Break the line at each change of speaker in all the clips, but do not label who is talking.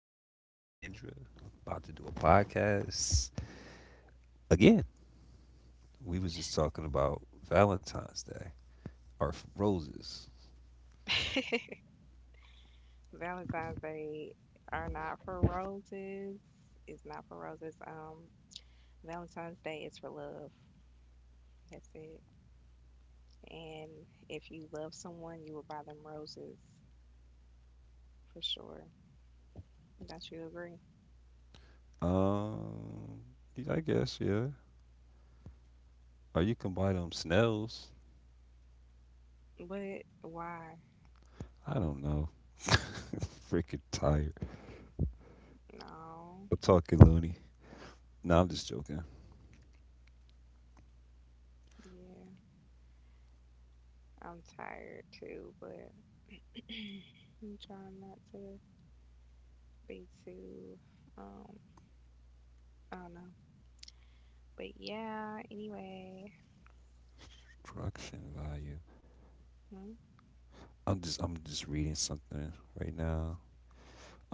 Rico and Kendra about to do a podcast again. We was just talking about Valentine's Day or roses.
Valentine's Day are not for roses. It's not for roses. Valentine's Day is for love. That's it. And if you love someone, you will buy them roses for sure. Don't you agree?
Um, yeah, I guess yeah. Or you can buy them snails.
But why?
I don't know. Freaking tired.
No.
I'm talking loony. No, I'm just joking.
Yeah, I'm tired too, but I'm trying not to be too. Um, I don't know. But yeah. Anyway.
Construction value.
Hmm.
I'm just reading something right now.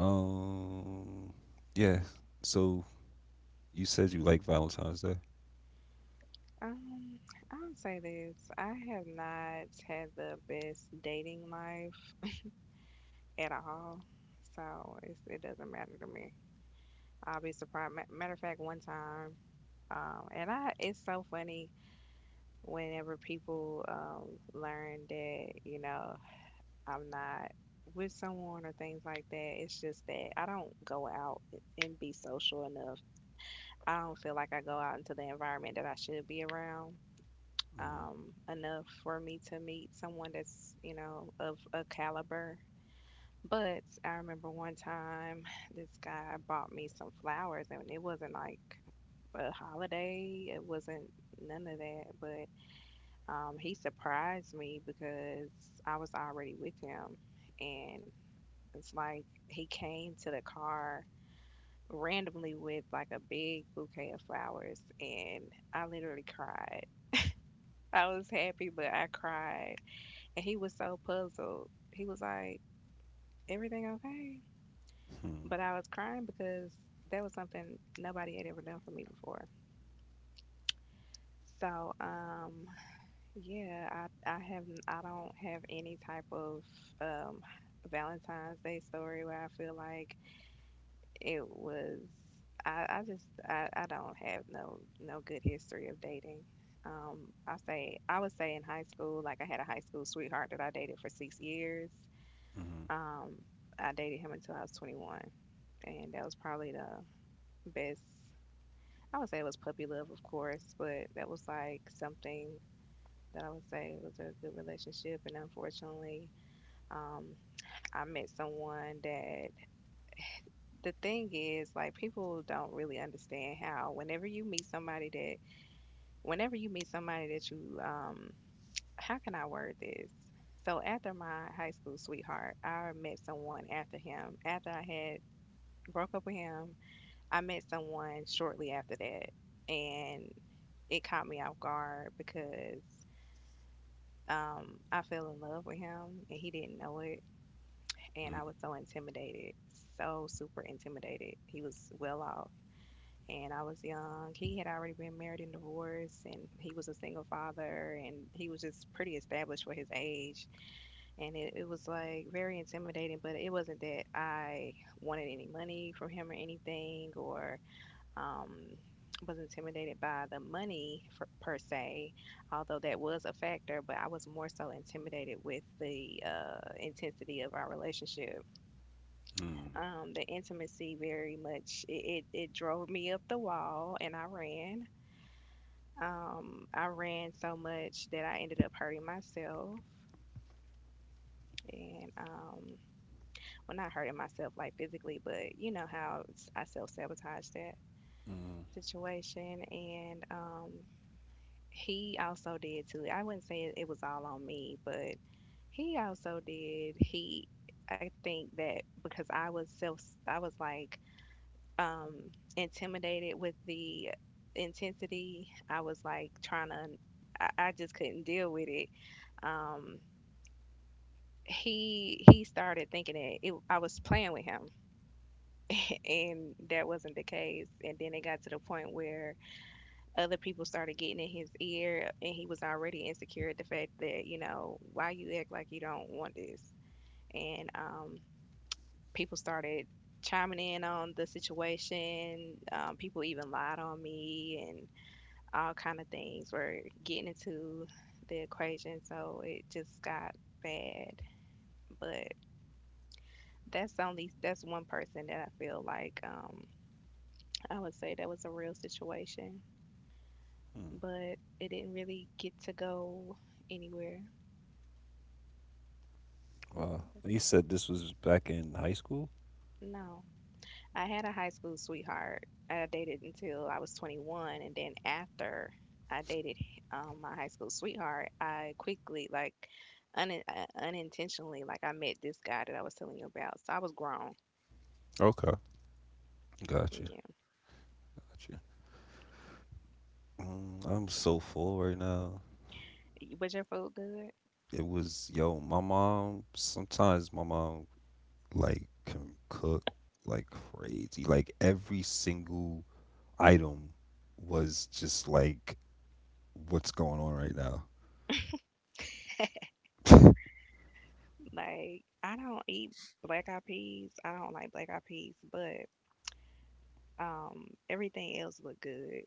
Um, yeah. So you said you like Valentine's Day.
Um, I'll say this. I have not had the best dating life at all. So it doesn't matter to me. I'll be surprised. Matter of fact, one time, and it's so funny whenever people learn that, I'm not with someone or things like that. It's just that I don't go out and be social enough. I don't feel like I go out into the environment that I should be around, enough for me to meet someone that's, of a caliber. But I remember one time this guy bought me some flowers, and it wasn't like a holiday, it wasn't none of that. But he surprised me because I was already with him, and it's like he came to the car randomly with like a big bouquet of flowers, and I literally cried. I was happy, but I cried. And he was so puzzled. He was like, everything okay? But I was crying because that was something nobody had ever done for me before. So, yeah, I don't have any type of, um, Valentine's Day story where I feel like it was, I don't have no, no good history of dating. I would say in high school, like I had a high school sweetheart that I dated for 6 years. Um, I dated him until I was 21, and that was probably the best. I would say it was puppy love, of course, but that was like something that I would say was a good relationship. And unfortunately, um, I met someone that the thing is, like, people don't really understand how whenever you meet somebody that you, how can I word this? So after my high school sweetheart, I met someone after him, after I had broke up with him. I met someone shortly after that, and it caught me off guard because I fell in love with him and he didn't know it. And I was so intimidated, so super intimidated. He was well off, and I was young. He had already been married and divorced, and he was a single father, and he was just pretty established for his age. And it was like very intimidating, but it wasn't that I wanted any money from him or anything, or um, was intimidated by the money for, per se, although that was a factor, but I was more so intimidated with the intensity of our relationship. The intimacy very much it drove me up the wall and I ran. I ran so much that I ended up hurting myself. And well, not hurting myself like physically, but you know how I self sabotaged that situation. And he also did too. I wouldn't say it was all on me, but he also did. I think that because I was like um, intimidated with the intensity. I was like trying to, I just couldn't deal with it. Um, he started thinking that I was playing with him, and that wasn't the case. And then it got to the point where other people started getting in his ear and he was already insecure at the fact that you know why you act like you don't want this. And people started chiming in on the situation. People even lied on me and all kind of things were getting into the equation, so it just got bad. But that's one person that I feel like, I would say that was a real situation, but it didn't really get to go anywhere.
Wow. You said this was back in high school?
No. I had a high school sweetheart that I dated until I was 21, and then after I dated my high school sweetheart, I quickly, like, unintentionally, like, I met this guy that I was telling you about. So I was grown.
Okay. Got you.
Yeah.
Got you. Mm, I'm so full right now.
Was your food good?
It was, yo, my mom, sometimes my mom, like, can cook like crazy. Like, every single item was just like, what's going on right now?
Like, I don't eat black eyed peas. I don't like black eyed peas, but everything else looked good.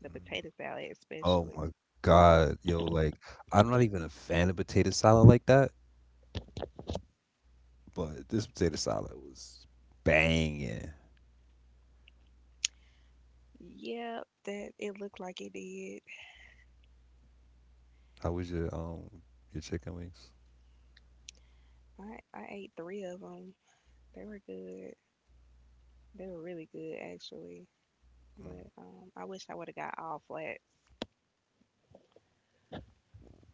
The
Mm.
potato salad,
Oh
especially.
my God, yo, like, I'm not even a fan of potato salad like that. But this potato salad was banging.
Yep, that it looked like it did.
How was your chicken wings?
I ate three of them. They were good. They were really good, actually.
Mm.
But I wish I would have got all flats.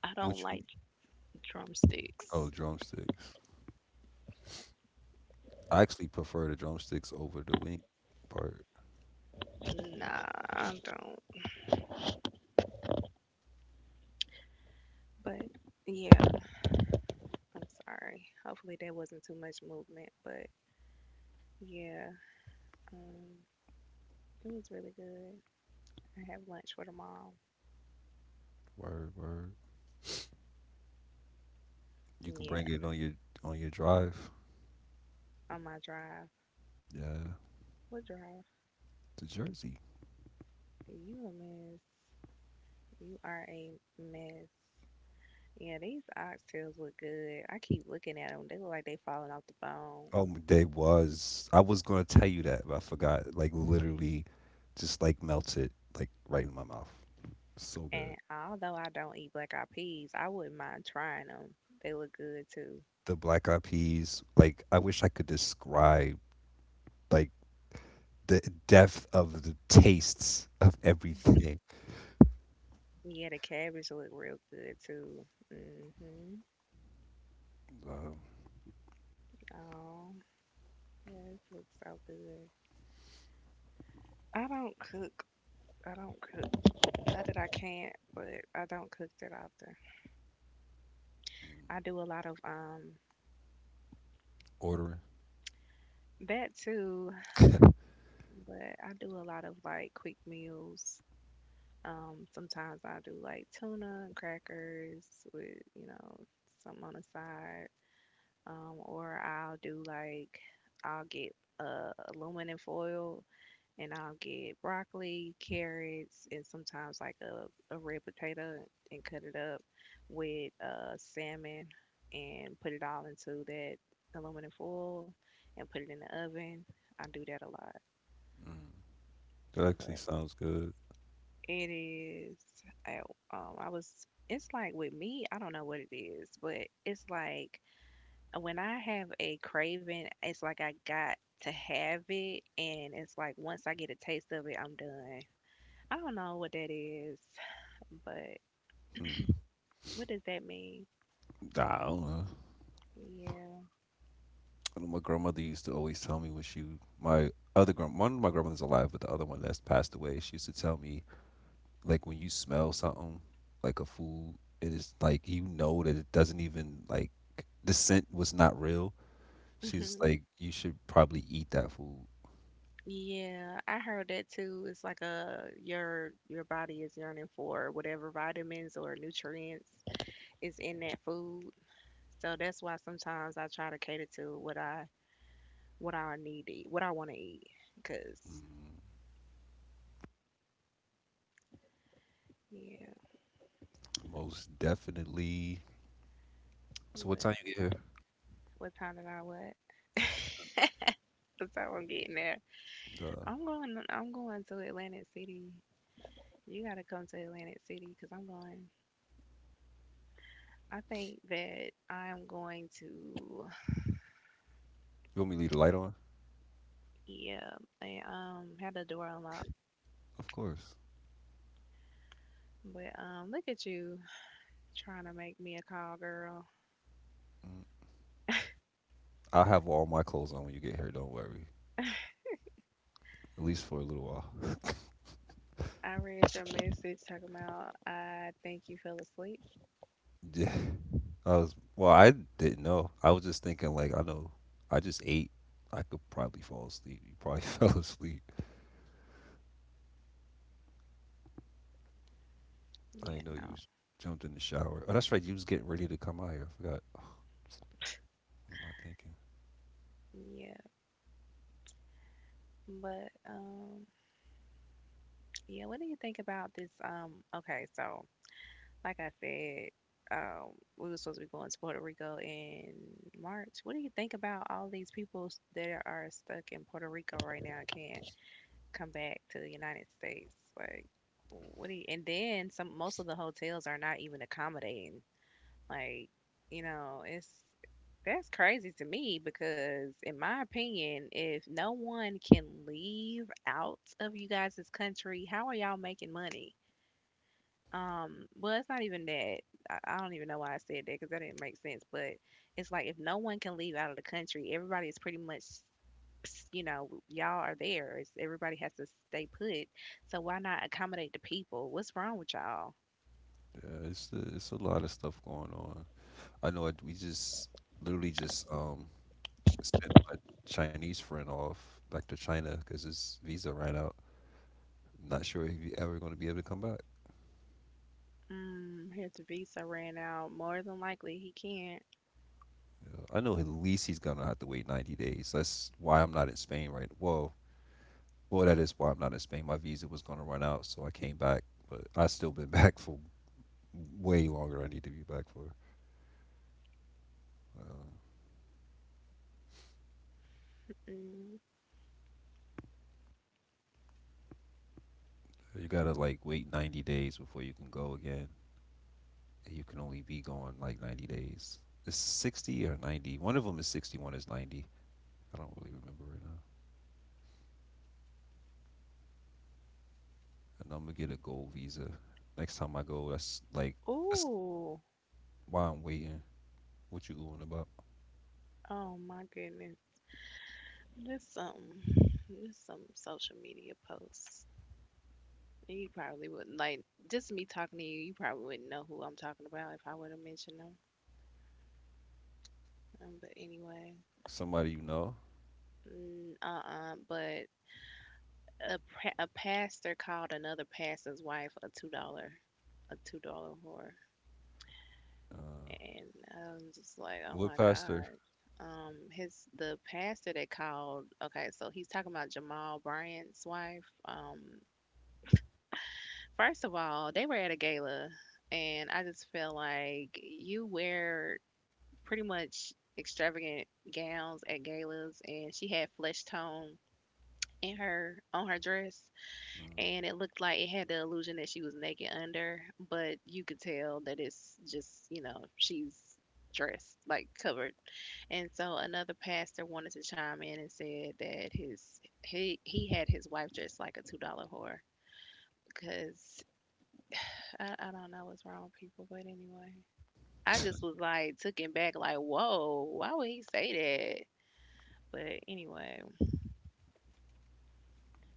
I
What
don't
you?
like drumsticks.
Oh, drumsticks. I actually prefer the drumsticks over the wing part.
Nah, I don't. But yeah, I'm sorry. Hopefully there wasn't too much movement. But yeah, um, it was really good. I have lunch for tomorrow.
Word, word. You can
Yeah,
bring it on your drive.
on my drive.
Yeah,
What drive?
to Jersey.
You a mess. You are a mess. Yeah, these oxtails look good. I keep looking at them. They look like they falling off the bone.
Oh, they was. I was gonna tell you that, but I forgot. Like literally, just like melted like right in my mouth. So good.
And although I don't eat black eyed peas, I wouldn't mind trying them. They look good too.
The black eyed peas. Like I wish I could describe like the depth of the tastes of everything.
Yeah, the cabbage look real good too. Mhm.
Wow.
Oh, yeah, it looks so good. I don't cook. I don't cook. Not that I can't, but I don't cook that often. I do a lot of
Ordering.
that too, but I do a lot of like quick meals. Sometimes I do like tuna and crackers with, something on the side. Or I'll do like I'll get aluminum foil and I'll get broccoli, carrots, and sometimes like a red potato and cut it up with salmon and put it all into that aluminum foil and put it in the oven. I do that a lot,
Mm. That actually
but
sounds good.
it is. I, I was. It's like with me, I don't know what it is, but it's like when I have a craving, it's like I got to have it, and it's like once I get a taste of it, I'm done. I don't know what that is, but
Hmm.
what does that mean?
Nah, I don't know.
Yeah.
I know my grandmother used to always tell me when she, my other grand, one of my grandmothers alive, but the other one that's passed away, she used to tell me like when you smell something like a food, it is like you know that it doesn't even like the scent was not real. She's
Hmm.
like you should probably eat that food.
Yeah, I heard that too. It's like a your body is yearning for whatever vitamins or nutrients is in that food. So that's why sometimes I try to cater to what I need to eat, what I want to eat. Cause, yeah,
Most definitely. So what time
but
you get
what time did I what? That's how I'm getting there.
here?
I'm going. I'm going to Atlantic City. You gotta come to Atlantic City because I'm going. I think that I'm going to.
You want me to leave the light on?
Yeah, and had the door unlocked.
Of course.
But look at you trying to make me a call, girl.
Mm, I'll have all my clothes on when you get here. Don't worry. At least for a little while.
I read your message talking about I think you fell asleep.
Yeah. I was well. I didn't know. I was just thinking like I know. I just ate. I could probably fall asleep. You probably fell asleep. I
Yeah,
didn't know you
no.
was jumped in the shower. Oh, that's right. You was getting ready to come out here. I forgot. What am I thinking?
Yeah, but yeah. What do you think about this? Okay, so like I said, um, we were supposed to be going to Puerto Rico in March. What do you think about all these people that are stuck in Puerto Rico right now and can't come back to the United States? Like, what do you? And then some. Most of the hotels are not even accommodating. Like, it's that's crazy to me because, in my opinion, if no one can leave out of you guys' country, how are y'all making money? Well, it's not even that. I don't even know why I said that because that didn't make sense. But it's like if no one can leave out of the country, everybody is pretty much, y'all are there. Everybody has to stay put. So why not accommodate the people? What's wrong with y'all?
Yeah, it's a lot of stuff going on. I know. We just literally just sent my Chinese friend off back to China because his visa ran out. Not sure if he's ever going to be able to come back.
Mm, his visa ran out. More than likely, he can't.
I know at least he's going to have to wait 90 days. That's why I'm not in Spain right. now. Well, that is why I'm not in Spain. My visa was going to run out, so I came back, but I have still been back for way longer. Than I need to be back for. Uh,
Mm.
you gotta like wait 90 days before you can go again. You can only be gone like 90 days. It's 60 or 90. One of them is 60, one is 90. I don't really remember right now. And I'm gonna get a gold visa next time I go. That's like that's
Ooh.
why I'm waiting. What you oohing about?
Oh my goodness. This some this some social media posts. You probably wouldn't like just me talking to you. You probably wouldn't know who I'm talking about if I would have mentioned them. But anyway,
Somebody you know?
mm, uh-uh. But a pastor called another pastor's wife a $2 a $2 whore,
Uh,
and I was just like, oh
what
my
pastor?
god. His the pastor that called. Okay, so he's talking about Jamal Bryant's wife. First of all, they were at a gala, and I just feel like you wear pretty much extravagant gowns at galas, and she had flesh tone in her on her dress,
Mm.
and it looked like it had the illusion that she was naked under, but you could tell that it's just she's dressed like covered. And so another pastor wanted to chime in and said that his he had his wife dressed like a $2 whore because I don't know what's wrong with people, but anyway. I just was like taken back, like, whoa, why would he say... But anyway,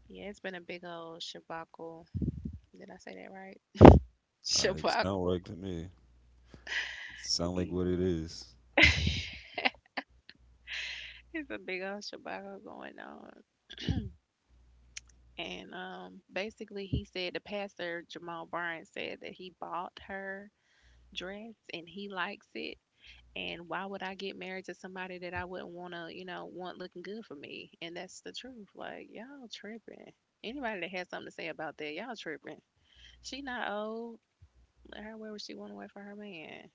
yeah, it's been a big old shabacle. Did I say that right?
It sound
Shabacle.
right to me. Sound like
It's
what it is.
a big old shabacle going on. And basically, he said, the pastor, Jamal Bryant, said that he bought her dress and he likes it. And why would I get married to somebody that I wouldn't want to, you know, want looking good for me? And that's the truth. Like, y'all tripping. Anybody that has something to say about that, y'all tripping. She not old. Let her wear what she want to wear for her man.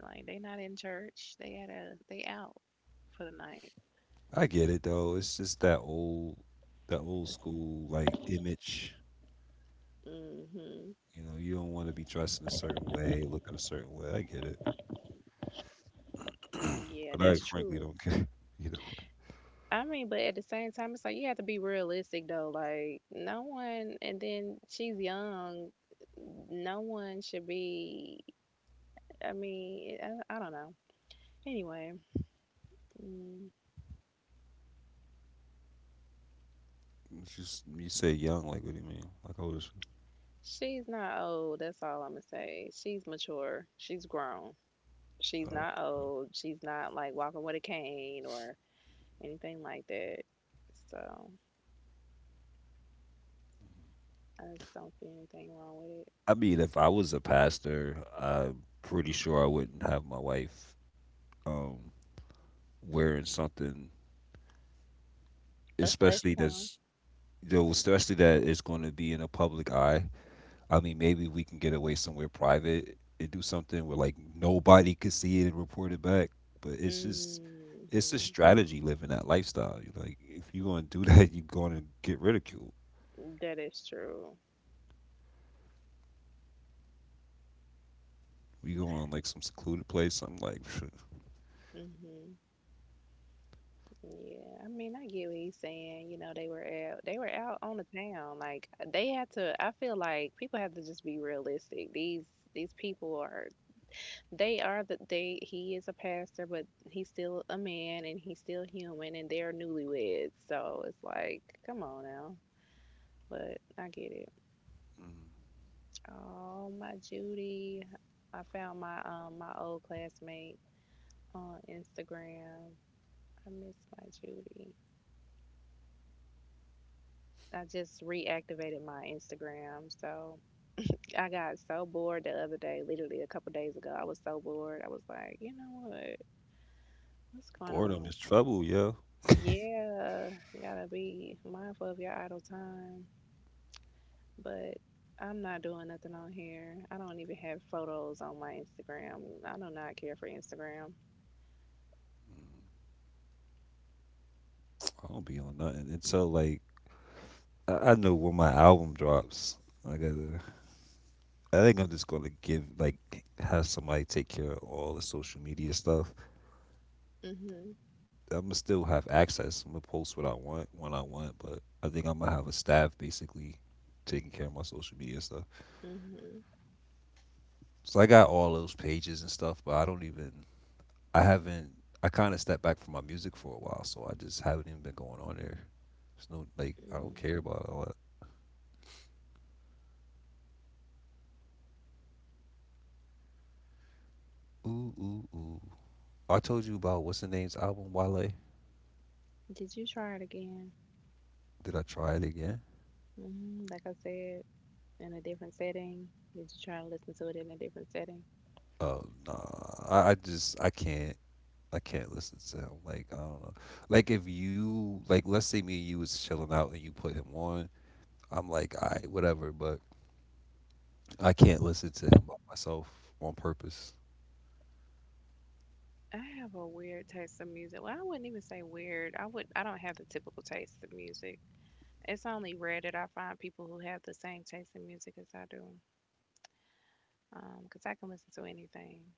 Like, they not in church. They at a they out for the night.
I get it though. It's just that that old school like image.
Hmm.
You know, you don't want to be dressed in a certain way, looking a certain way. I get it,
Yeah,
but I
that's
frankly
true.
don't care either way.
I mean, but at the same time, it's like you have to be realistic though. Like, no one, and then she's young. No one should be. I mean, I don't know. Anyway, mm,
It's just you say young, like what do you mean? Like how old is she?
she's not old. That's all I'm gonna say. She's mature. She's grown. She's
Uh,
not old. She's not like walking with a cane or anything like that. So I just don't see anything wrong with it.
I mean, if I was a pastor, I'm pretty sure I wouldn't have my wife um, wearing something
A flesh
especially
tone?
there's though especially that it's going to be in a public eye. I mean maybe we can get away somewhere private and do something where like nobody could see it and report it back, but it's just it's a
Mm-hmm.
strategy living that lifestyle. You like if you're going to do that you're going to get ridiculed.
That is true.
You go on like some secluded place something like phew.
Mm hmm. Yeah, I mean, I get what he's saying. You know, they were out on the town. Like they had to. I feel like people have to just be realistic. These people are. They are the they. He is a pastor, but he's still a man and he's still human, and they're newlyweds. So it's like, come on now. But I get it. Oh, my Judy. I found my my old classmate on Instagram. I miss my Judy. I just reactivated my Instagram. So I got so bored the other day, literally a couple days ago. I was so bored. I was like, you know what? What's going
Boredom
on
is
it?
trouble, yo.
Yeah, gotta be mindful of your idle time. But I'm not doing nothing on here. I don't even have photos on my Instagram. I do not care for Instagram.
I don't be on nothing until like I know when my album drops. Like, I gotta I think I'm just gonna give like have somebody take care of all the social media stuff.
Mhm.
I'm gonna still have access. I'm gonna post what I want when I want, but I think I'm gonna have a staff basically taking care of my social media stuff.
Mhm.
So I got all those pages and stuff, but I don't even I haven't I kind of stepped back from my music for a while, so I just haven't even been going on there. There's no like I don't
Mm.
care about all that. Ooh ooh ooh. I told you about what's the name's album, Wale.
Did you try it again?
Did I try it again?
Mm, like I said, in a different setting? Did you try to listen to it in a different setting?
Oh nah. I just I can't. I can't listen to him. Like I don't know. Like if you like, let's say me and you was chilling out and you put him on, I'm like, all right, whatever. But I can't listen to him by myself on purpose.
I have a weird taste of music. Well, I wouldn't even say weird. I would. I don't have the typical taste of music. It's only rare that I find people who have the same taste in music as I do. 'Cause I can listen to anything,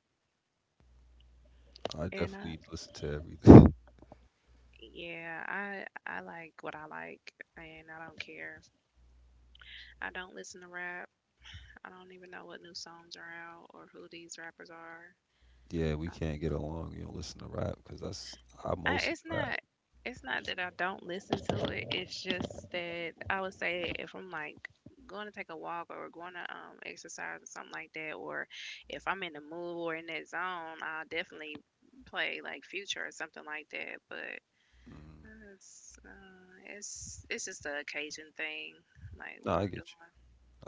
I
and I,
definitely listen to everything.
yeah, I like what I like, and I don't care. I don't listen to rap. I don't even know what new songs are out or who these rappers are.
yeah, we
Um,
can't get along. You don't listen to rap because that's I mostly
it's
rap.
not that I don't listen to it. It's just that I would say if I'm like going to take a walk or going to exercise or something like that, or if I'm in the mood or in that zone, I'll definitely play like Future or something like that. But
Mm.
it's just the occasion thing, like
No,
what
I
I'm doing.
get you.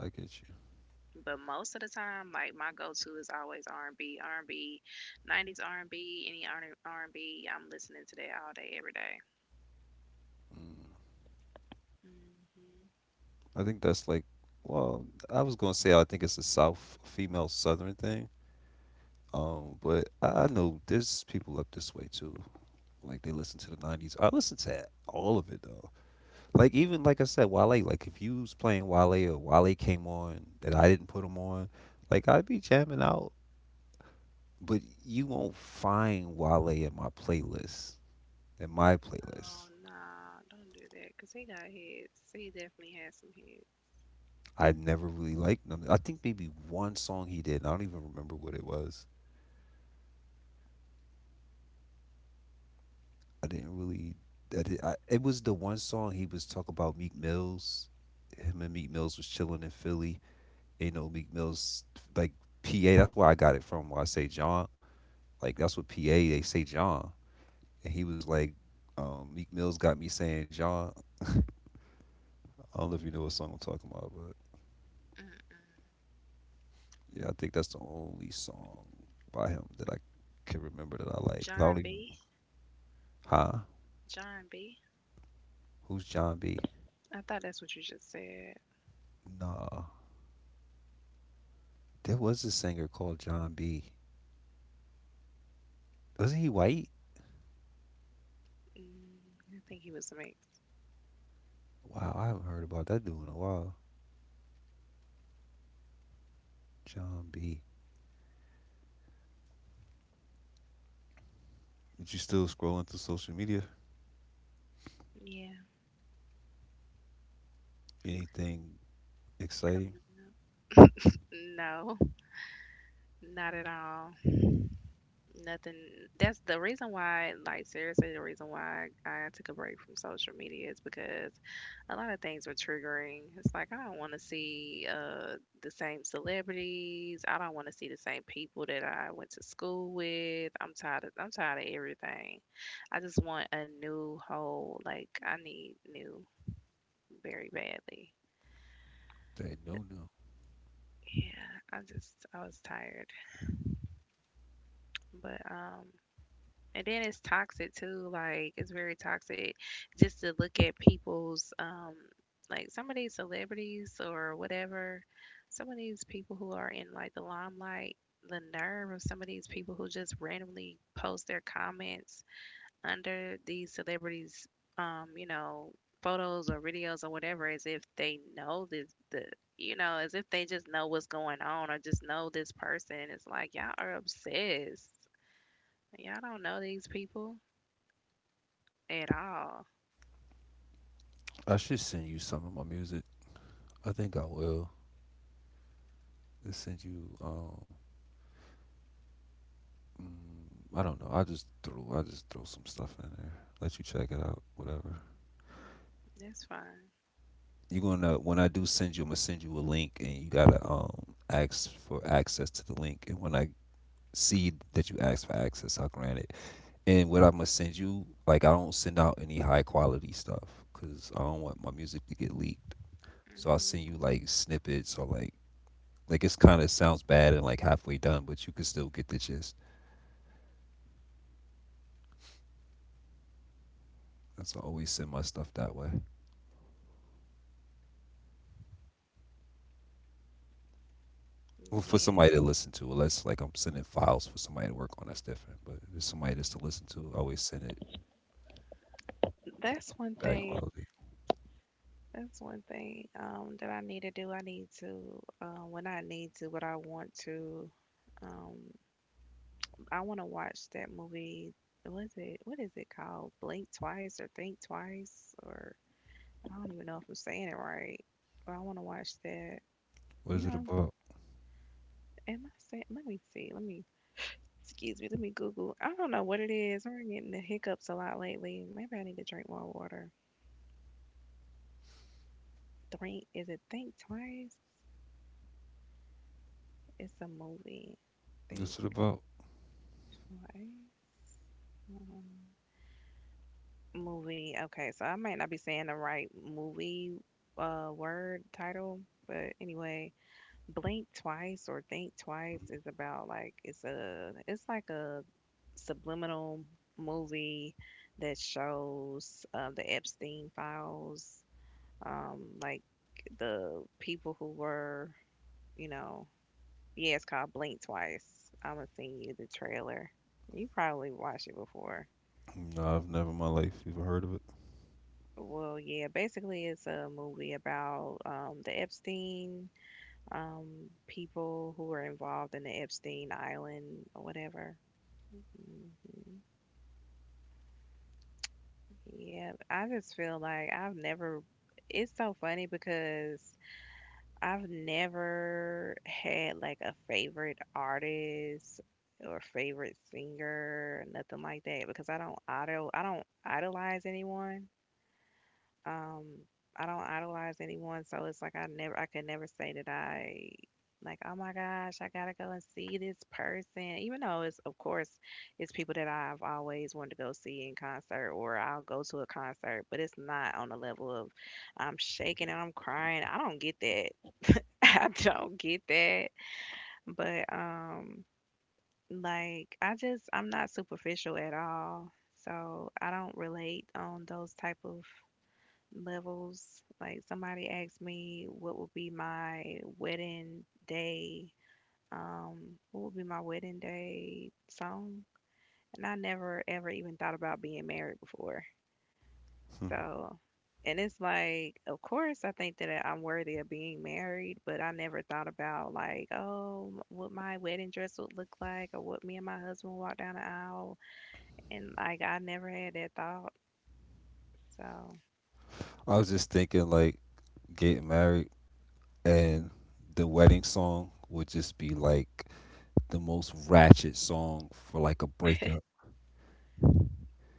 I get you.
But most of the time, like my go-to is always R&B, R&B, 90s R&B, any R&B. I'm listening to that all day, every day.
Mm.
Mhm.
I think that's like, well, I was gonna say I think it's a South female Southern thing. But I know there's people up this way too. Like they listen to the '90s. I listen to all of it though. Like even like I said, Wale. Like if you was playing Wale or Wale came on that I didn't put him on, like I'd be jamming out. But you won't find Wale in my playlist. In my
Oh,
playlist,
no! Don't do that. Cause he got heads. He definitely has some head.
I never really liked him. I think maybe one song he did. And I don't even remember what it was. I didn't really. It was the one song he was talking about Meek Mills. Him and Meek Mills was chilling in Philly. You know, Meek Mill's like PA. That's where I got it from. Where I say John, like that's what PA they say John, and he was like, Meek Mill's got me saying John. I don't know if you know what song I'm talking about, but
Mm-mm.
yeah, I think that's the only song by him that I can remember that I like. I don't
John
even.
B.
Huh?
John B.
Who's John B?
I thought that's what you just said.
Nah, there was a singer called John B. Wasn't he white?
Mm, I think he was a mix.
Wow, I haven't heard about that dude in a while. John B. But you still scrolling through social media?
Yeah,
Anything exciting?
coming up. No, not at all. Nothing. That's the reason why, like, seriously, the reason why I took a break from social media is because a lot of things were triggering. It's like I don't want to see the same celebrities. I don't want to see the same people that I went to school with. I'm tired of everything. I just want a new whole, like, I need new very badly.
They do know.
Yeah, I was tired. But um, and then it's toxic too. Like it's very toxic just to look at people's like some of these celebrities or whatever, some of these people who are in like the limelight, the nerve of some of these people who just randomly post their comments under these celebrities you know, photos or videos or whatever as if they know this the you know, as if they just know what's going on or just know this person. It's like y'all are obsessed. Y'all don't know these people at all.
I should send you some of my music. I think I will. I send you. I don't know. I just throw some stuff in there. Let you check it out. Whatever.
That's fine.
You gonna when I do send you, I'm gonna send you a link, and you gotta ask for access to the link. And when I see that you ask for access, I'll grant it. And what I'm gonna send you, like I don't send out any high quality stuff because I don't want my music to get leaked. So I'll
Hmm.
send you like snippets or like it's kind of sounds bad and like halfway done, but you can still get the gist. That's why I always send my stuff that way. Well, for
Yeah,
somebody to listen to, unless like I'm sending files for somebody to work on, that's different. But if it's somebody just to listen to, I always send it
that's one
bad
thing.
quality.
That's one thing that I need to do. I need to, when I need to, but I want to. Um, I want to watch that movie. Was it? What is it called? Blink Twice or Think Twice or... I don't even know if I'm saying it right. But I want to watch that.
What
You
is it
know,
about?
am I saying? Let me see. Let me. Excuse me. Let me Google. I don't know what it is. I'm getting the hiccups a lot lately. Maybe I need to drink more water. Think... is it Think Twice? It's a movie. Think
What's it about?
Twice. Um, movie. Okay, so I might not be saying the right movie word title, but anyway, Blink Twice or Think Twice is about like it's like a subliminal movie that shows the Epstein files, like the people who were, you know, yeah, it's called Blink Twice. Imma send you the trailer. You probably watched it before.
No, I've never in my life even heard of it.
Well, yeah, basically it's a movie about the Epstein people who were involved in the Epstein Island or whatever. Hmm. Yeah, I just feel like I've never. It's so funny because I've never had like a favorite artist or favorite singer, nothing like that, because I don't idolize anyone. Um, I don't idolize anyone, so it's like I never, I could never say that I like, oh my gosh, I gotta go and see this person, even though it's, of course, it's people that I've always wanted to go see in concert, or I'll go to a concert, but it's not on the level of I'm shaking and I'm crying. I don't get that. I don't get that. But like I just I'm not superficial at all. So I don't relate on those type of levels. Like somebody asked me what would be my wedding day um what would be my wedding day song? And I never ever even thought about being married before. So, and it's like, of course, I think that I'm worthy of being married, but I never thought about like, oh, what my wedding dress would look like, or what me and my husband walk down the aisle, and like I never had that thought. So,
I was just thinking like getting married and the wedding song would just be like the most ratchet song for like a breakup.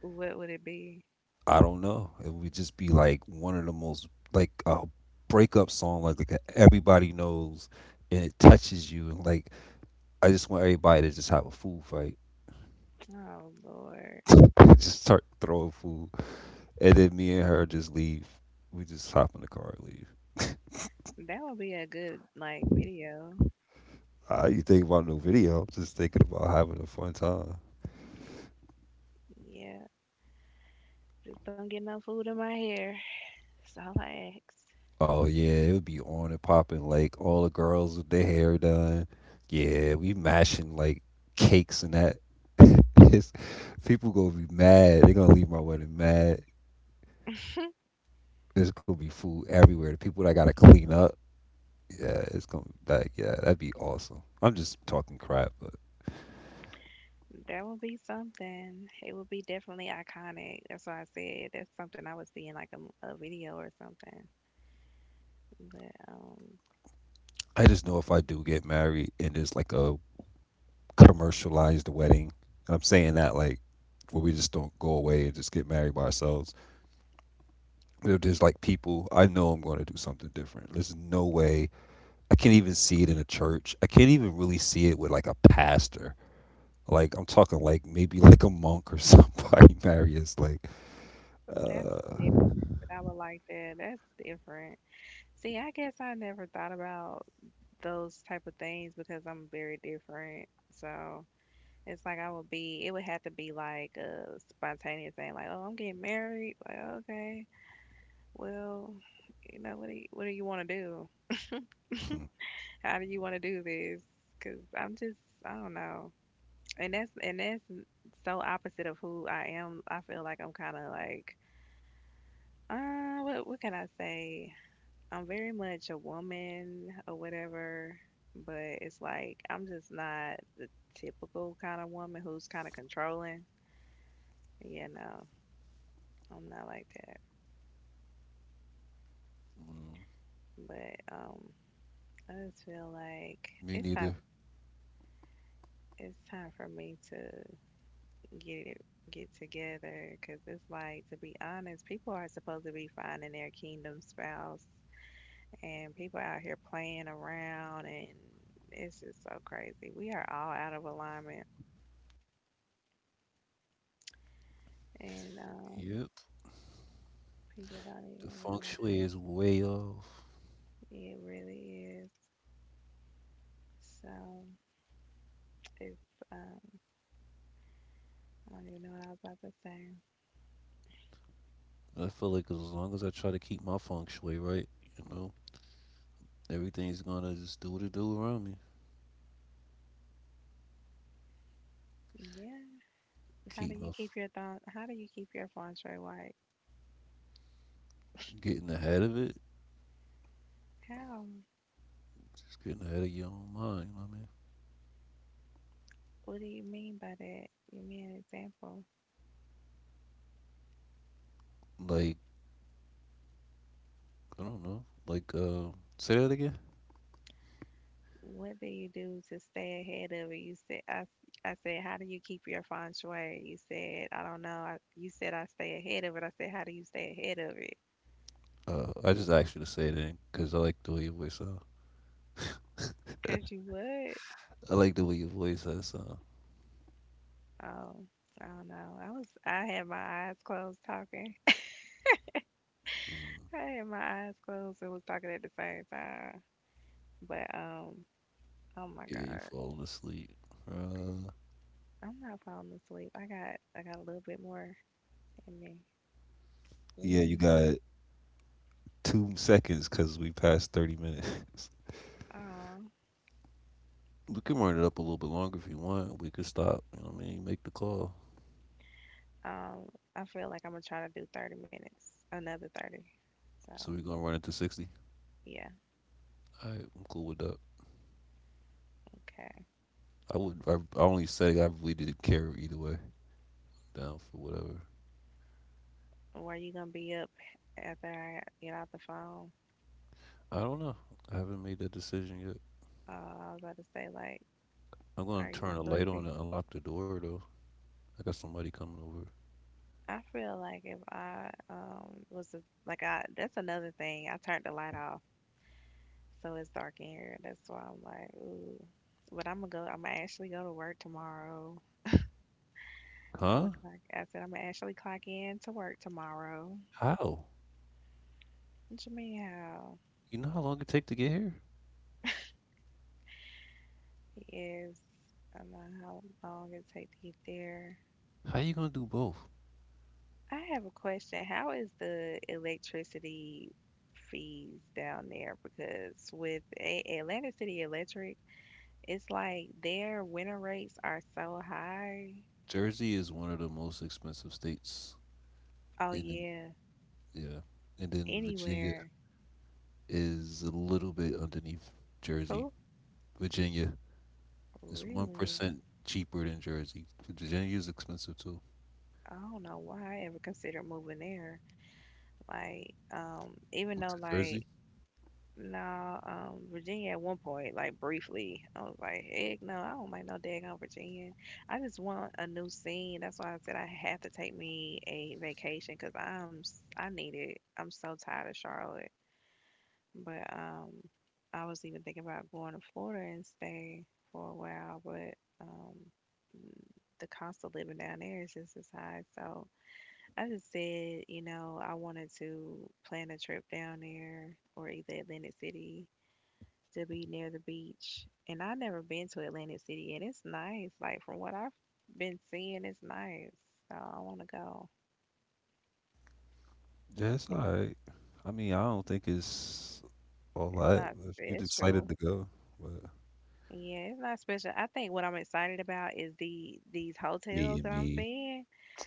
what would it be?
I don't know. It would just be like one of the most like a breakup song, like everybody knows, and it touches you. And like I just want everybody to just have a food fight,
Oh Lord,
just start throwing food, and then me and her just leave. We just hop in the car and leave.
that would be a good like video.
You think about no video? I'm just thinking about having a fun time.
Yeah, just don't get no food in my hair. That's all I ask.
Oh yeah, it would be on and popping like all the girls with their hair done. Yeah, we mashing like cakes and that. It's- people gonna be mad. They gonna leave my wedding mad. There's gonna be food everywhere. The people that gotta clean up. Yeah, it's gonna like yeah, that'd be awesome. I'm just talking crap, but
That would be something. It would be definitely iconic. That's why I said that's something I would see in like a, a video or something. But
I just know if I do get married and it's like a commercialized wedding. I'm saying that like where we just don't go away and just get married by ourselves. If there's like people, I know I'm going to do something different. There's no way. I can't even see it in a church. I can't even really see it with like a pastor. Like I'm talking like maybe like a monk or somebody, Marius. Like,
that's different. I would like that. That's different. See, I guess I never thought about those type of things because I'm very different. So it's like I would be. It would have to be like a spontaneous thing, like, oh, I'm getting married. Like, okay, well, you know, what do you want to do? How do you want to do this? Because I'm just, I don't know. And that's so opposite of who I am. I feel like I'm kind of like, what can I say? I'm very much a woman or whatever, but it's like I'm just not the typical kind of woman who's kind of controlling. Yeah, no, I'm not like that. But I just feel like
me
it's
neither.
time. It's time for me to get it get together because it's like, to be honest, people are supposed to be finding their kingdom spouse. And people out here playing around, and it's just so crazy. We are all out of alignment, and
Yep,
people don't
the
even
feng
realize
shui is way off.
it really is. So, if um, I don't even know what I was about to say.
I feel like as long as I try to keep my feng shui right, you know, everything's gonna just do what it do around me.
Yeah, how do
Keep my
you
f-
keep your thought? How do you keep your phone straight white?
Getting ahead of it,
How?
just getting ahead of your own mind. You know what
What do you mean by that? Give me an example.
I mean? Like I don't know. Say that again.
What do you do to stay ahead of it? You said I, I said, how do you keep your feng shui? You said, I don't know. I, you said I stay ahead of it. I said, how do you stay ahead of it?
I just asked you to say that because I like the way your voice sounds.
Cause you would.
I like the way your voice has sound.
Oh, I don't know. I was I had my eyes closed talking.
Mm,
I had my eyes closed and was talking at the same time. But oh my
yeah, you
gosh,
falling asleep. Uh,
I'm not falling asleep. I got a little bit more in me. You
yeah,
hear
you
me?
got 2 seconds because we passed 30 minutes.
Oh.
We can run it up a little bit longer if you want. We could stop. You know what I mean? Make the call.
Um, I feel like I'm gonna try to do 30 minutes, another 30. So,
So we're going to run it to 60.
yeah,
All right, I'm cool with that.
okay.
I would. I only said it. I really didn't care either way. Down for whatever.
Were you gonna be up after I get off the phone?
I don't know. I haven't made that decision yet.
I was about to say, like,
I'm going
are
to
you
turn a light on
sleepy?
and unlock the door, though. I got somebody coming over.
I feel like if I was a, like I that's another thing. I turned the light off, so it's dark in here. That's why I'm like, ooh. But I'm gonna go. I'm gonna actually go to work tomorrow. I'm
Huh?
gonna clock. I said I'm gonna actually clock in to work tomorrow.
How?
What you mean how?
You know how long it take to get here?
Yes, about how long it take to get there.
How you gonna do both?
I have a question. How is the electricity fees down there? Because with Atlanta City Electric, it's like their winter rates are so high.
Jersey is one of the most expensive states,
Oh
and then
yeah,
yeah, and then Virginia
anywhere.
is a little bit underneath Jersey.
Who?
Virginia is one
Really?
percent cheaper than Jersey. Virginia is expensive too.
I don't know why I ever considered moving there. Like, even
With
though
the Jersey?
like No, Virginia at one point, like briefly, I was like, heck no, I don't like no daggone Virginia. I just want a new scene. That's why I said I have to take me a vacation because I need it. I'm so tired of Charlotte. But I was even thinking about going to Florida and stay for a while, but um, the cost of living down there is just as high. So I just said, I wanted to plan a trip down there or either Atlantic City to be near the beach. And I never been to Atlantic City, and it's nice. Like from what I've been seeing, it's nice. So I want to go.
Yeah, it's alright. I mean, I don't think it's all
It's
that.
not
If you're excited
special.
to go, but
Yeah, it's not special. I think what I'm excited about is these
me
hotels
and
that I'm
me,
seeing.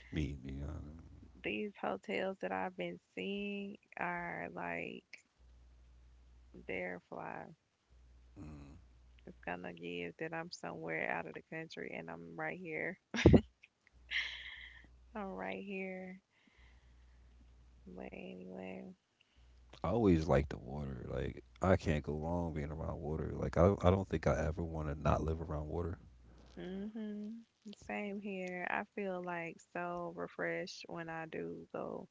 me and me. I don't know.
These hotels that I've been seeing are like they're fly. It's gonna give that I'm somewhere out of the country and I'm right here. I'm right here. But anyway.
I always like the water. Like I can't go wrong being around water. I don't think I ever want to not live around water.
Mhm. Same here. I feel like so refreshed when I do go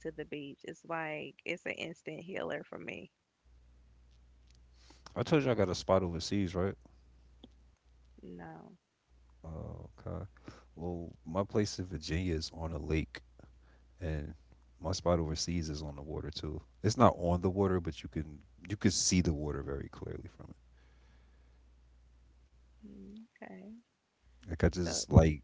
to the beach. It's like it's an instant healer for me.
I told you I got a spot overseas, right?
No.
Oh, okay. Well, my place in Virginia is on a lake, and my spot overseas is on the water too. It's not on the water, but you can see the water very clearly from it.
Okay.
Like I
So,
just like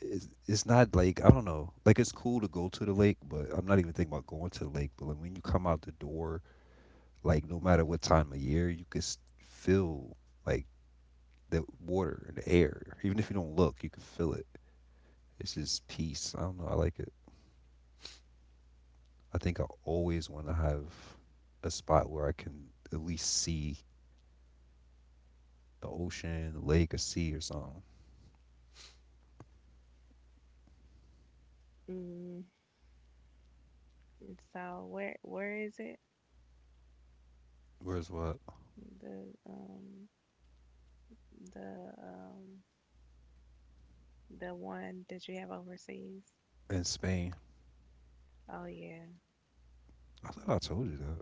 it's not like I don't know. Like it's cool to go to the lake, but I'm not even thinking about going to the lake. But like when you come out the door, like no matter what time of year, you could feel like the water and the air. Even if you don't look, you can feel it. It's just peace. I don't know. I like it. I think I always want to have a spot where I can at least see the ocean, the lake, or sea or something.
mm, so, where is it?
Where's what?
The um the um the one that you have overseas?
In Spain.
Oh yeah.
I thought I told you that.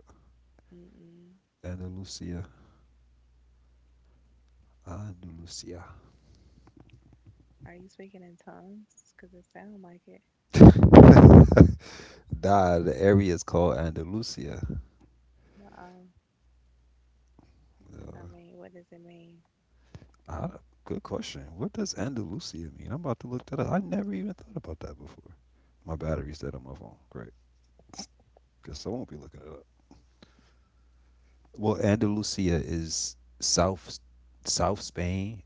Mm-mm.
Andalusia. Andalusia.
Are you speaking in tongues? Because it sound like it.
Nah, the area is called Andalusia.
Oh, I
Uh,
mean, what does it mean?
Ah, good question. What does Andalusia mean? I'm about to look that up. I never even thought about that before. My battery's dead on my phone. Great. Guess I won't be looking it up. Well, Andalusia is South Spain.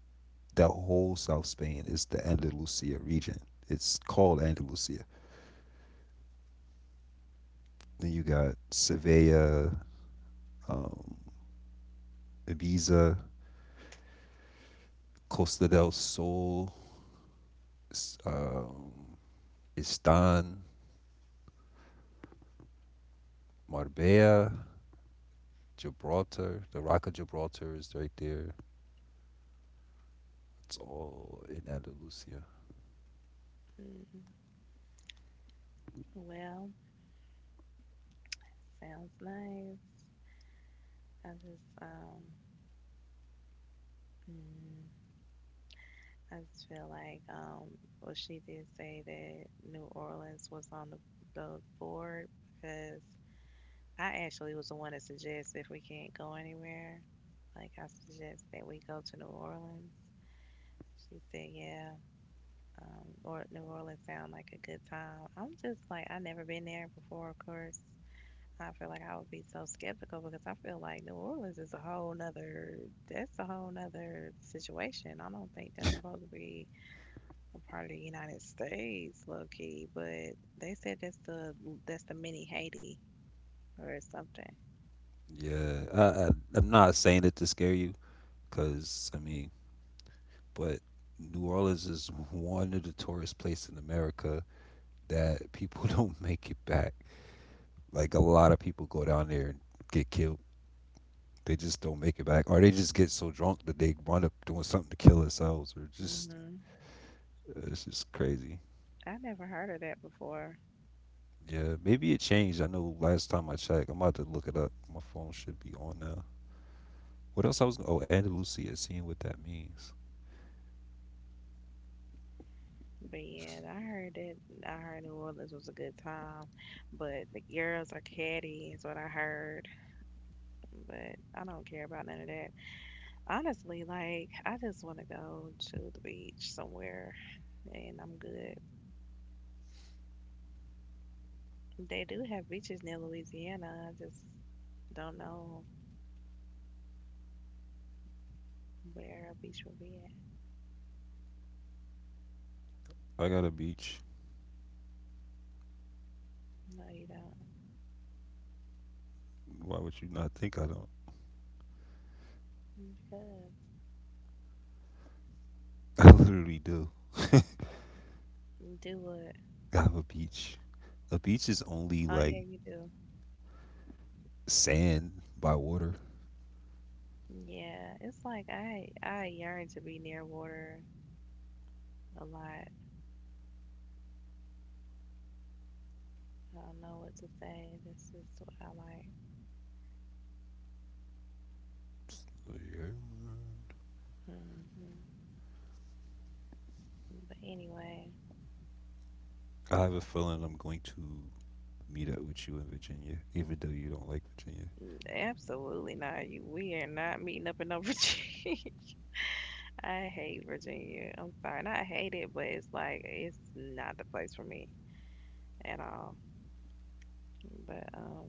The whole South Spain is the Andalusia region. It's called Andalusia. Then you got Sevilla, um, Ibiza, Costa del Sol, s- um, Istan, Marbella, Gibraltar. The Rock of Gibraltar is right there. It's all in Andalusia.
Mm, well, sounds nice. I just um mm, I just feel like well she did say that New Orleans was on the board because I actually was the one that suggested if we can't go anywhere, like I suggest that we go to New Orleans. She said, yeah, or New Orleans sound like a good time. I'm just like I never been there before, of course. I feel like I would be so skeptical because I feel like New Orleans is a whole nother that's a whole nother situation. I don't think that's supposed to be a part of the United States, low key. But they said that's the mini Haiti or something.
Yeah, I'm not saying it to scare you, cause I mean, but New Orleans is one of the tourist places in America that people don't make it back. Like a lot of people go down there and get killed. They just don't make it back, or they just get so drunk that they wind up doing something to kill themselves, or just
Mhm.
it's just crazy.
I never heard of that before,
Yeah, maybe it changed. I know last time I checked, I'm about to look it up. My phone should be on now. What else I was? Oh, Andalusia, seeing what that means.
but yeah, I heard that. I heard New Orleans was a good time, but the girls are catty is what I heard. But I don't care about none of that. Honestly, like I just want to go to the beach somewhere and I'm good. They do have beaches near Louisiana. I just don't know where a beach will be
I got a beach.
at. No, you don't.
Why would you not think I don't?
Mm, because
I literally do.
you do what?
I have a beach. A beach is only
Oh yeah,
like
you do.
sand by water.
Yeah, it's like I yearn to be near water a lot. I don't know what to say. This is what I like.
So, yeah.
Hmm. But anyway,
I have a feeling I'm going to meet up with you in Virginia, even though you don't like Virginia.
mm, absolutely not. We are not meeting up in no Virginia. I hate Virginia. I'm sorry. Not hate it, but it's like it's not the place for me at all. But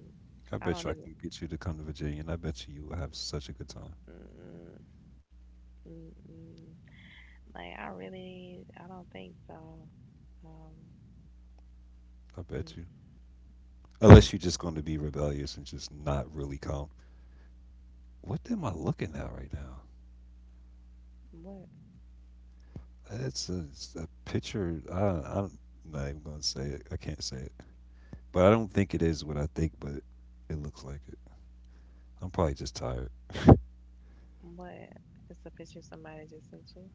I
I don't
bet you I
even
can get you to come to Virginia, and I bet you you will have such a good time.
mm-mm, mm-mm. Like I really I don't think so. Um
I bet you.
mm,
Unless you're just going to be rebellious and just not really come. What am I looking at right now?
what
It's a picture. I'm not even going to say it. I can't say it. But I don't think it is what I think, but it looks like it. I'm probably just tired.
what, it's a picture somebody just sent you?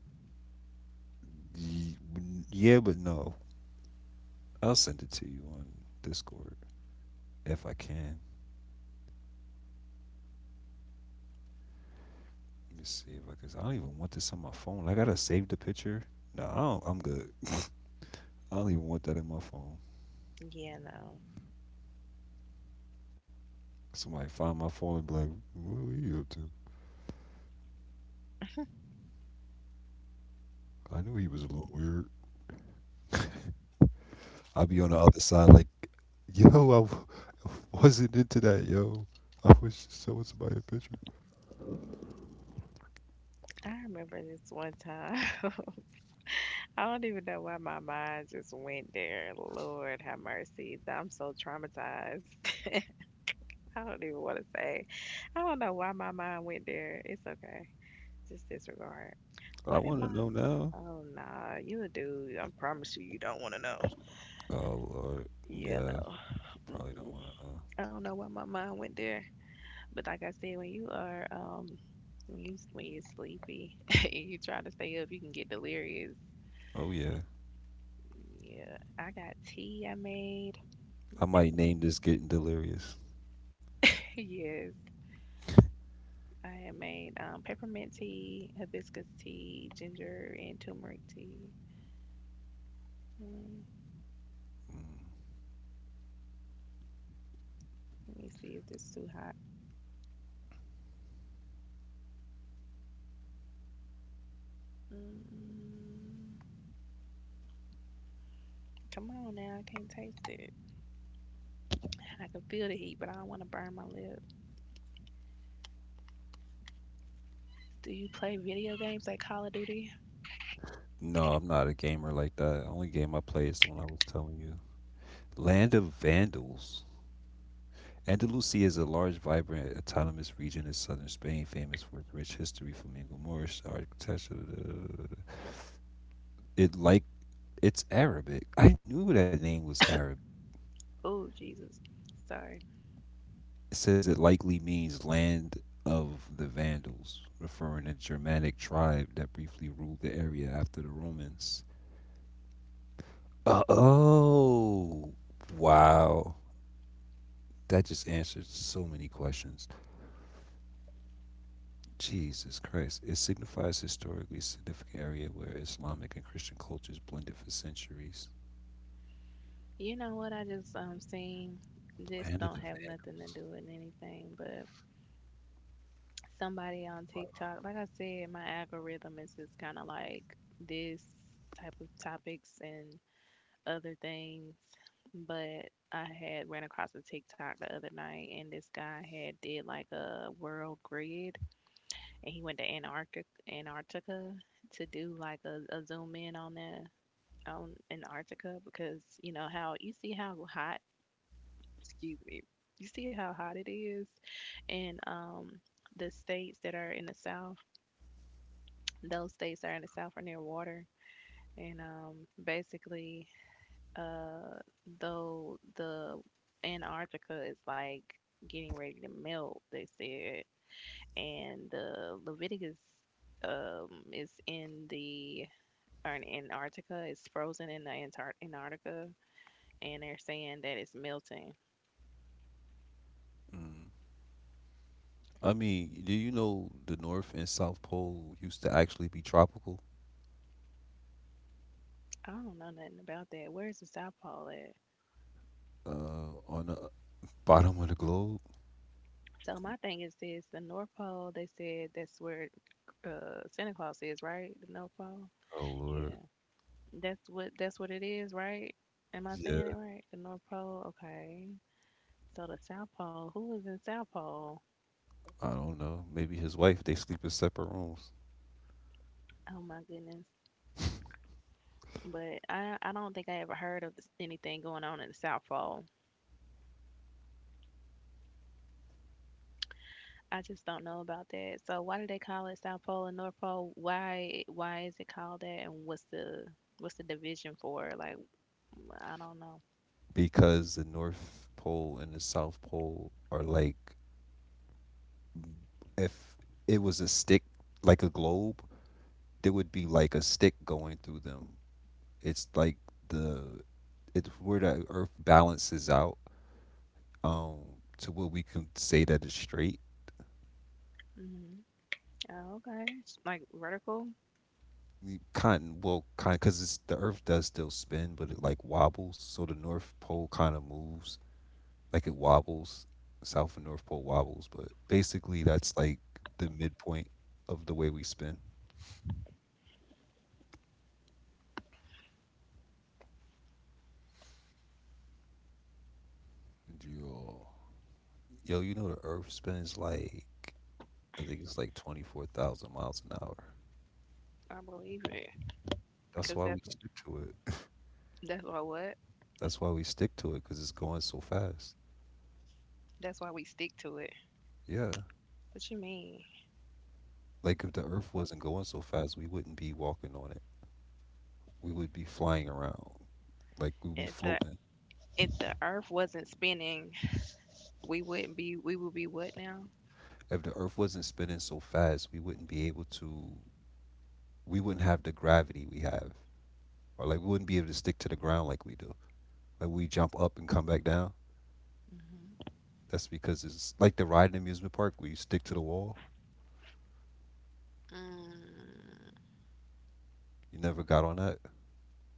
Ye- yeah, but no. I'll send it to you on Discord if I can. Let me see if I can. I don't even want this on my phone. I gotta save the picture. No, I'm good. I don't even want that in my phone.
Yeah, no.
Somebody find my phone and be like, "What were you up to? I knew he was a little weird." I'll be on the
Mm-mm.
other side, like, "Yo, w- wasn't into that, yo. I was just showing somebody a picture."
I remember this one time. I don't even know why my mind just went there. Lord have mercy. I'm so traumatized. I don't even want to say. I don't know why my mind went there. It's okay. Just disregard. Why
I
did
want to
my
know now.
Oh nah, you a dude. I promise you, you don't want to know.
Oh Lord,
Yeah,
yeah,
no.
probably don't
Mm-mm.
want to know.
I don't know why my mind went there, but like I said, when you're sleepy and you try to stay up, you can get delirious.
Oh yeah,
Yeah, I got tea I made
I might
peppermint.
name this getting delirious.
Yes, I had made peppermint tea, hibiscus tea, ginger and turmeric tea. Mm, let me see if it's too hot. Mm, come on now, I can't taste it. I can feel the heat, but I don't want to burn my lips. Do you play video games like Call of Duty?
No, I'm not a gamer like that. The only game I play is the one I was telling you. Land of Vandals. Andalusia is a large, vibrant, autonomous region in southern Spain, famous for its rich history, flamingo Moorish architecture. Da- da- da- da- da- da. It like it's Arabic. I knew that name was Arabic.
Oh, Jesus. Sorry.
It says it likely means land of the Vandals, referring to Germanic tribe that briefly ruled the area after the Romans. Uh, oh, wow. That just answers so many questions. Jesus Christ. It signifies historically significant area where Islamic and Christian cultures blended for centuries.
You know what? I just seen
The
this
Land
don't
of the
have
Vandals.
nothing to do with anything, but somebody on TikTok, like I said, my algorithm is just kind of like this type of topics and other things, but I had ran across a TikTok the other night, and this guy had did like a world grid, and he went to Antarctica to do like a zoom in on that on Antarctica because you know how you see how hot, excuse me, you see how hot it is, and the states that are in the south, those states that are in the south are near water, and basically uh though the Antarctica is like getting ready to melt, they said, and the Leviticus is in the or in Antarctica, it's frozen in the Antarctica, and they're saying that it's melting.
Mm. I mean, do you know the North and South Pole used to actually be tropical
I don't know nothing about that. Where's the South Pole at?
on the bottom of the globe?
So my thing is this: the North Pole, they said that's where Santa Claus is, right? The North Pole.
Oh,
Yeah.
Lord.
That's what it is, right? Am I saying it
Yeah,
right? The North Pole, okay. So the South Pole, who is in South Pole?
I don't know. Maybe his wife. They sleep in separate rooms
Oh my goodness. But I don't think I ever heard of anything going on in the South Pole. I just don't know about that. So why do they call it South Pole and North Pole? Why is it called that? And what's the division for? It? Like I don't know.
because the North Pole and the South Pole are like if it was a stick, like a globe, there would be like a stick going through them. It's like the it's where the Earth balances out um to where we can say that it's straight.
Hmm. Oh, okay, it's like vertical.
Kind because it's the Earth does still spin, but it like wobbles, so the North Pole kind of moves like it wobbles, South and North Pole wobbles, but basically that's like the midpoint of the way we spin. Yo, yo, you know the Earth spins like I think it's like 24,000 miles an hour.
I believe it because
That's why
that's
we stick to it.
that's why what
That's why we stick to it because it's going so fast.
that's why we stick to it.
Yeah,
What you mean?
like if the Earth wasn't going so fast, we wouldn't be walking on it. We would be flying around, like we'd be
if the
floating.
if the earth wasn't spinning, we wouldn't be we would be what now?
If the Earth wasn't spinning so fast, we wouldn't be able to. We wouldn't have the gravity we have, or like we wouldn't be able to stick to the ground like we do. Like we jump up and come back down.
Hmm.
That's because it's like the ride in the amusement park where you stick to the wall.
Mm.
You never got on that.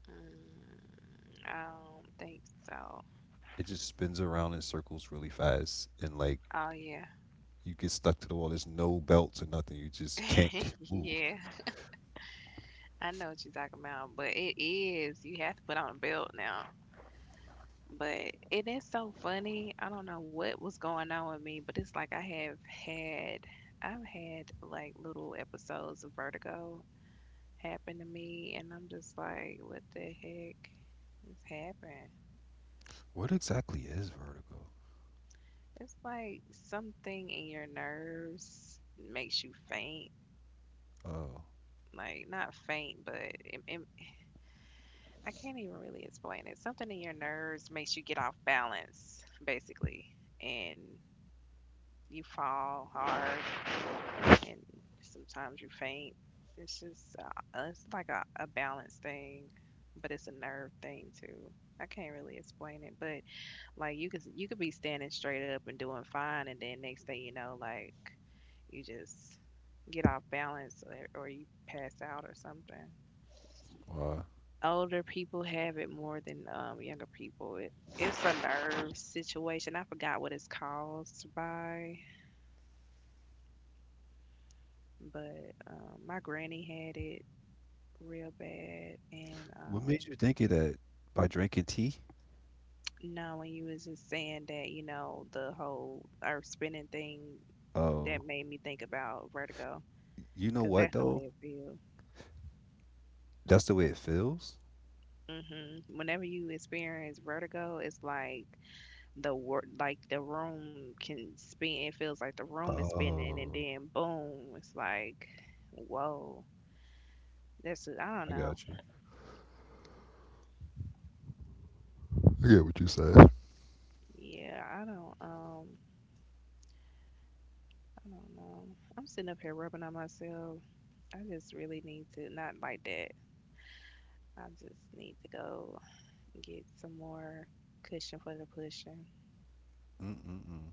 Mm, I don't think so.
It just spins around in circles really fast, and like
Oh yeah.
you get stuck to the wall. There's no belts or nothing. You just can't move.
Yeah, I know what you're talking about, but it is. You have to put on a belt now. But it is so funny. I don't know what was going on with me, but it's like had, I've had like little episodes of vertigo happened to me, and I'm just like, what the heck has happened?
What exactly is vertigo?
It's like something in your nerves makes you faint.
Oh,
Like, not faint, but I can't even really explain it. Something in your nerves makes you get off balance, basically, and you fall hard, and sometimes you faint. It's just, it's like a balance thing, but it's a nerve thing too. I can't really explain it, but like you could be standing straight up and doing fine, and then next thing you know, like you just get off balance or you pass out or something.
uh,
Older people have it more than younger people. It's a nerve situation. I forgot what it's caused by, but my granny had it real bad. And
what made you think of that? By drinking tea?
no, when you was just saying that, the whole earth spinning thing,
Oh,
that made me think about vertigo.
you know
Cause
what
that's the
though?
way it feels.
That's the way it feels.
Hmm. Whenever you experience vertigo, it's like like the room can spin. It feels like the room is spinning, and
Oh,
then boom, it's like, whoa. That's I
I
don't
got
know.
you. I get what you said.
Yeah, I don't. I don't know. I'm sitting up here rubbing on myself. I just really need to not like that. I just need to go get some more cushion for the pushing.
Mm-mm-mm.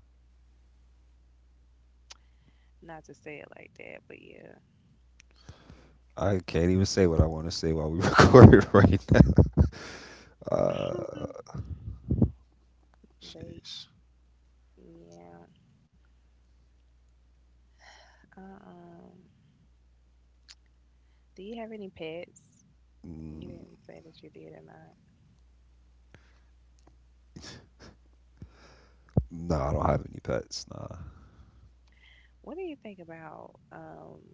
Not to say it like that, but yeah.
I can't even say what I want to say while we record right now. Uh,
But
Jeez.
yeah. Um, do you have any pets?
Mm,
You didn't say that you did or not.
no, I don't have any pets. Nah.
What do you think about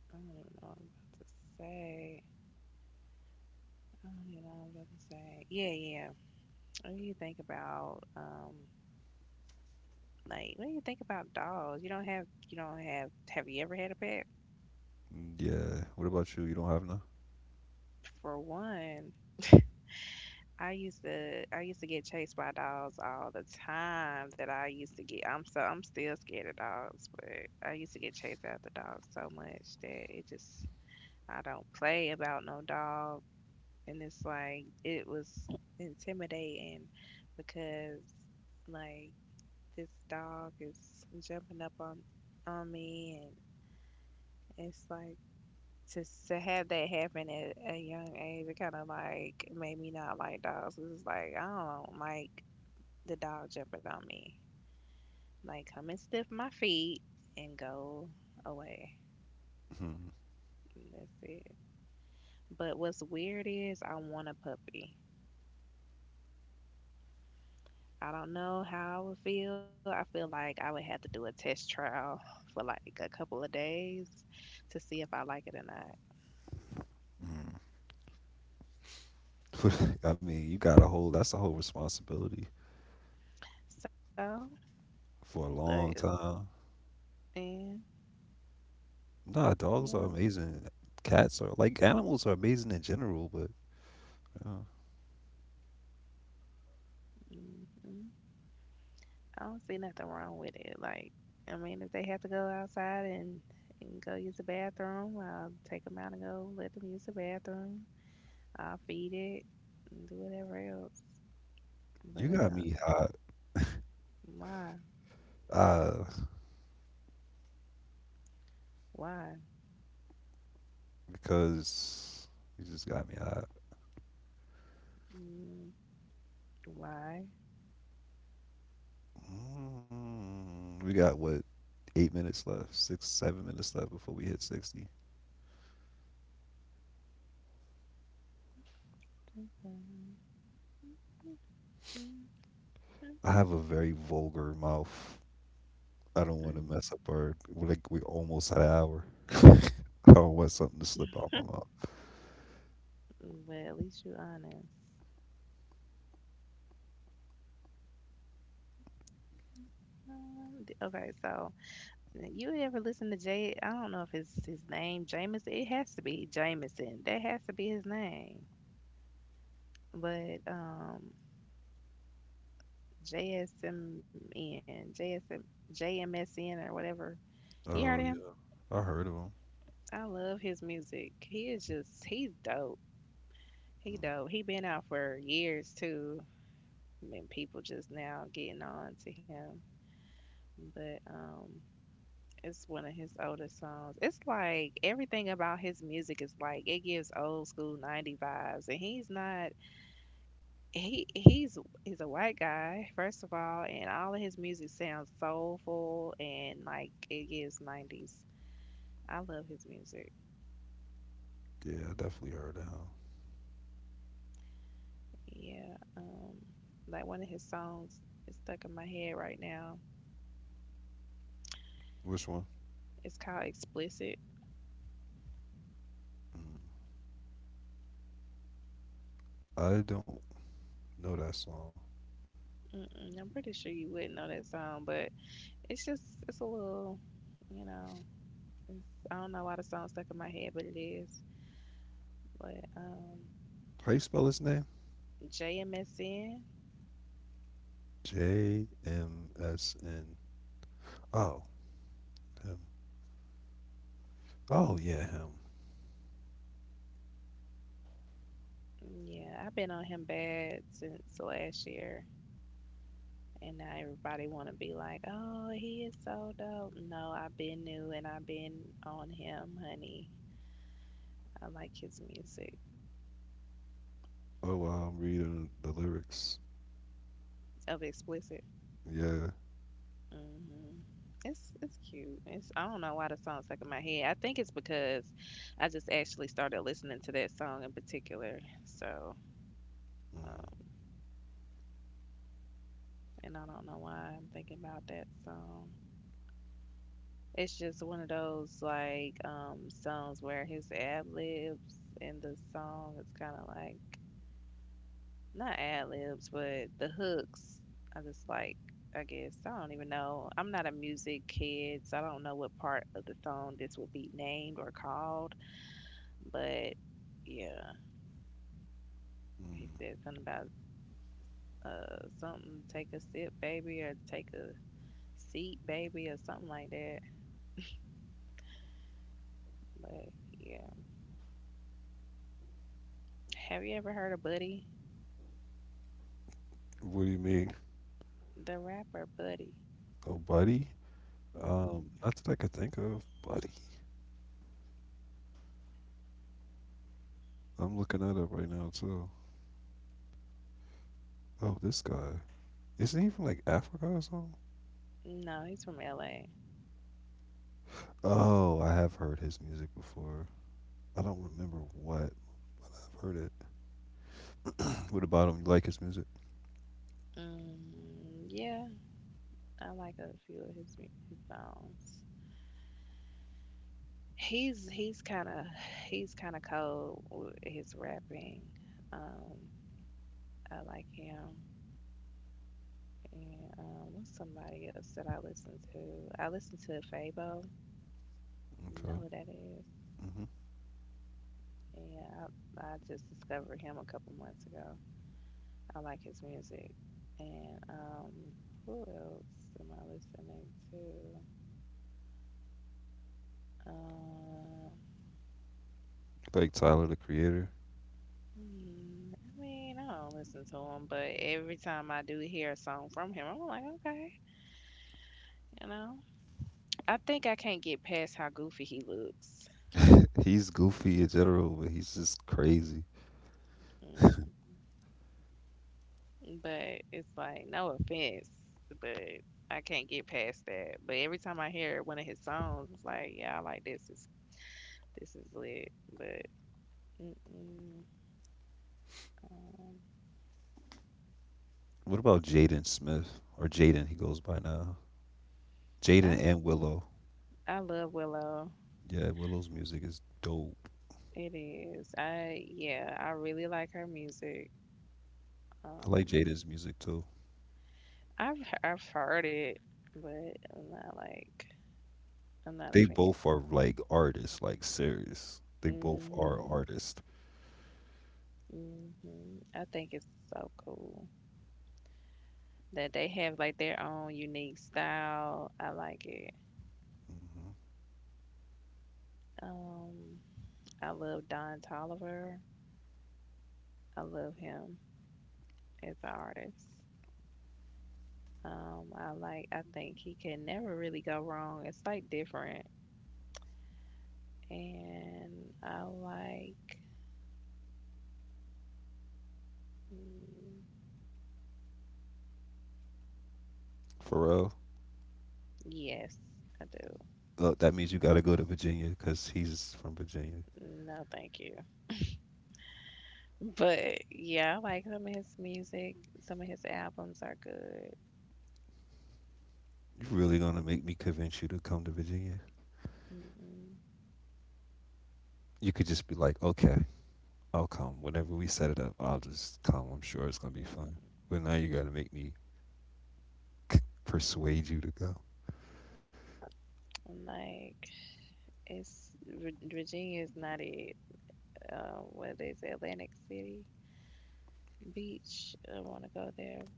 I don't even know what I'm about to say. I don't even know what I'm about to say. Yeah, yeah. What do you think about like what do you think about dogs? You don't have you ever had a pet?
Mm, yeah. What about you? You don't have none.
For one, I used to get chased by dogs all the time that I used to get I'm still scared of dogs, but I used to get chased after dogs so much that it just I don't play about no dog. And it's like, it was intimidating because, like, this dog is jumping up on me. And it's like, to, to have that happen at a young age, it kind of like made me not like dogs. It's like, I don't like the dog jumping on me. Like, come and sniff my feet and go away.
Hmm.
And that's it. But what's weird is I want a puppy. I don't know how I would feel. I feel like I would have to do a test trial for like a couple of days to see if I like it or not.
I mean, you got a whole. That's a whole responsibility
So,
for a
but,
long time.
and
Nah,
you don't,
dogs are amazing. Cats are like animals are amazing in general, but uh,
mm, mm, I don't see nothing wrong with it. Like, I mean, if they have to go outside and go use the bathroom, I'll take them out and go let them use the bathroom. I'll feed it and do whatever else.
you
But
got me hot.
why?
uh,
Why?
because you just got me hot.
Mm, why?
Mm, we got what 8 minutes left, six, 7 minutes left before we hit 60.
Mm,
I have a very vulgar mouth. I don't want to mess up our. We're like we almost had an hour. I don't want something to slip out my mouth.
But at least you honest. Okay, so you ever listen to Jay? I don't know if it's his name, Jameson. It has to be Jameson. That has to be his name. But JSMN, J M S N or whatever. You heard
Oh
him?
yeah, I heard of him.
I love his music. He is just he's dope. He dope.
Mm.
He been out for years too. I mean, people just now getting on to him. But. It's one of his oldest songs. It's like everything about his music is like it gives old school 90s vibes and he's not he he's a white guy, first of all, and all of his music sounds soulful and like it gives 90s. I love his music.
Yeah, I definitely heard of him.
Yeah. Like one of his songs is stuck in my head right now.
Which one?
It's called Explicit.
Mm. I don't know that song.
Mm-mm, I'm pretty sure you wouldn't know that song, but it's just it's a little, you know, it's, I don't know why the song stuck in my head, but it is. But
How you spell his name?
JMSN,
JMSN. Oh, him. Oh yeah, him.
yeah, I've been on him bad since last year, and now everybody want to be like, "Oh, he is so dope." No, I've been new and I've been on him, honey. I like his music
Oh, wow, I'm reading the lyrics.
of Explicit.
Yeah,
Hmm. It's cute. It's I don't know why the song stuck in my head. I think it's because I just actually started listening to that song in particular. So.
mm,
Um, and I don't know why I'm thinking about that song. It's just one of those like songs where his ad libs in the song, it's kind of like not ad libs but the hooks. I just like I guess I don't even know. I'm not a music kid, so I don't know what part of the song this would be named or called. But yeah, he
mm.
said something about something take a sip, baby, or take a seat, baby, or something like that. But yeah. Have you ever heard of Buddy?
What do you mean?
The rapper Buddy.
Oh, buddy?
Hmm.
Not that I could think of, buddy. I'm looking at it up right now too. Oh, this guy. Isn't he from like Africa or something?
No, he's from LA.
Oh, I have heard his music before. I don't remember what, but I've heard it. What about him? You like his music?
Mm, yeah, I like a few of his his songs. He's he's kind of he's kind of cold with his rapping. Um, I like him. And what's somebody else that I listen to? I listen to Fabo. You
Okay.
know who that is?
Hmm.
I just discovered him a couple months ago. I like his music. And who else am I listening to? Um,
Like Tyler the Creator.
hmm, I mean, I don't listen to him, but every time I do hear a song from him, I'm like, okay, you know. I think I can't get past how goofy he looks.
He's goofy in general, but he's just crazy.
Mm, but it's like, no offense, but I can't get past that. But every time I hear one of his songs, it's like, yeah, I like this. This is lit. But mm-mm, um,
What about Jaden Smith or Jaden? He goes by now. Jaden
I
and Willow.
I love Willow.
Yeah, Willow's music is dope.
It is. I Yeah, I really like her music.
I like
Um,
Jada's music too.
I've heard it, but I'm not a
They
fan.
both are like artists, like serious. They both are
Mhm.
artists.
Mhm. I think it's so cool that they have like their own unique style. I like it.
Hmm.
Um, I love Don Tolliver. I love him as an artist. I like. I think he can never really go wrong. It's like different. And I like, mm,
Pharrell,
yes, I do.
that means you gotta go to Virginia because he's from Virginia.
No, thank you. But yeah, I like some of his music. Some of his albums are good.
You really gonna make me convince you to come to Virginia?
Mm-mm.
You could just be like, okay, I'll come. Whenever we set it up, I'll just come. I'm sure it's gonna be
Mm.
fun. But now you gotta make me persuade you to go.
Like it's Virginia is not it. What is it, Atlantic City Beach? I want to go there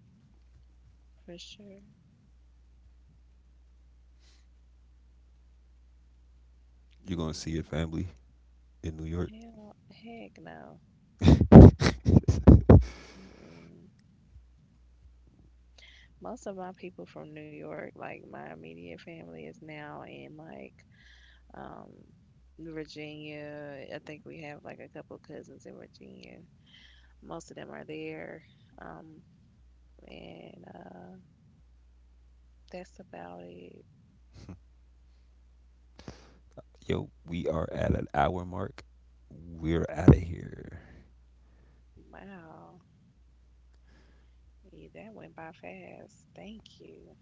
for sure.
You're gonna see your
Mm-mm.
family in New York.
Hell, heck no. Mm-mm. Most of my people from New York, like my immediate family, is now in like um, Virginia. I think we have like a couple cousins in Virginia. Most of them are there. Um, and that's about it.
Yo, we are at an hour mark. We're out of here.
Wow, yeah, that went by fast. Thank you.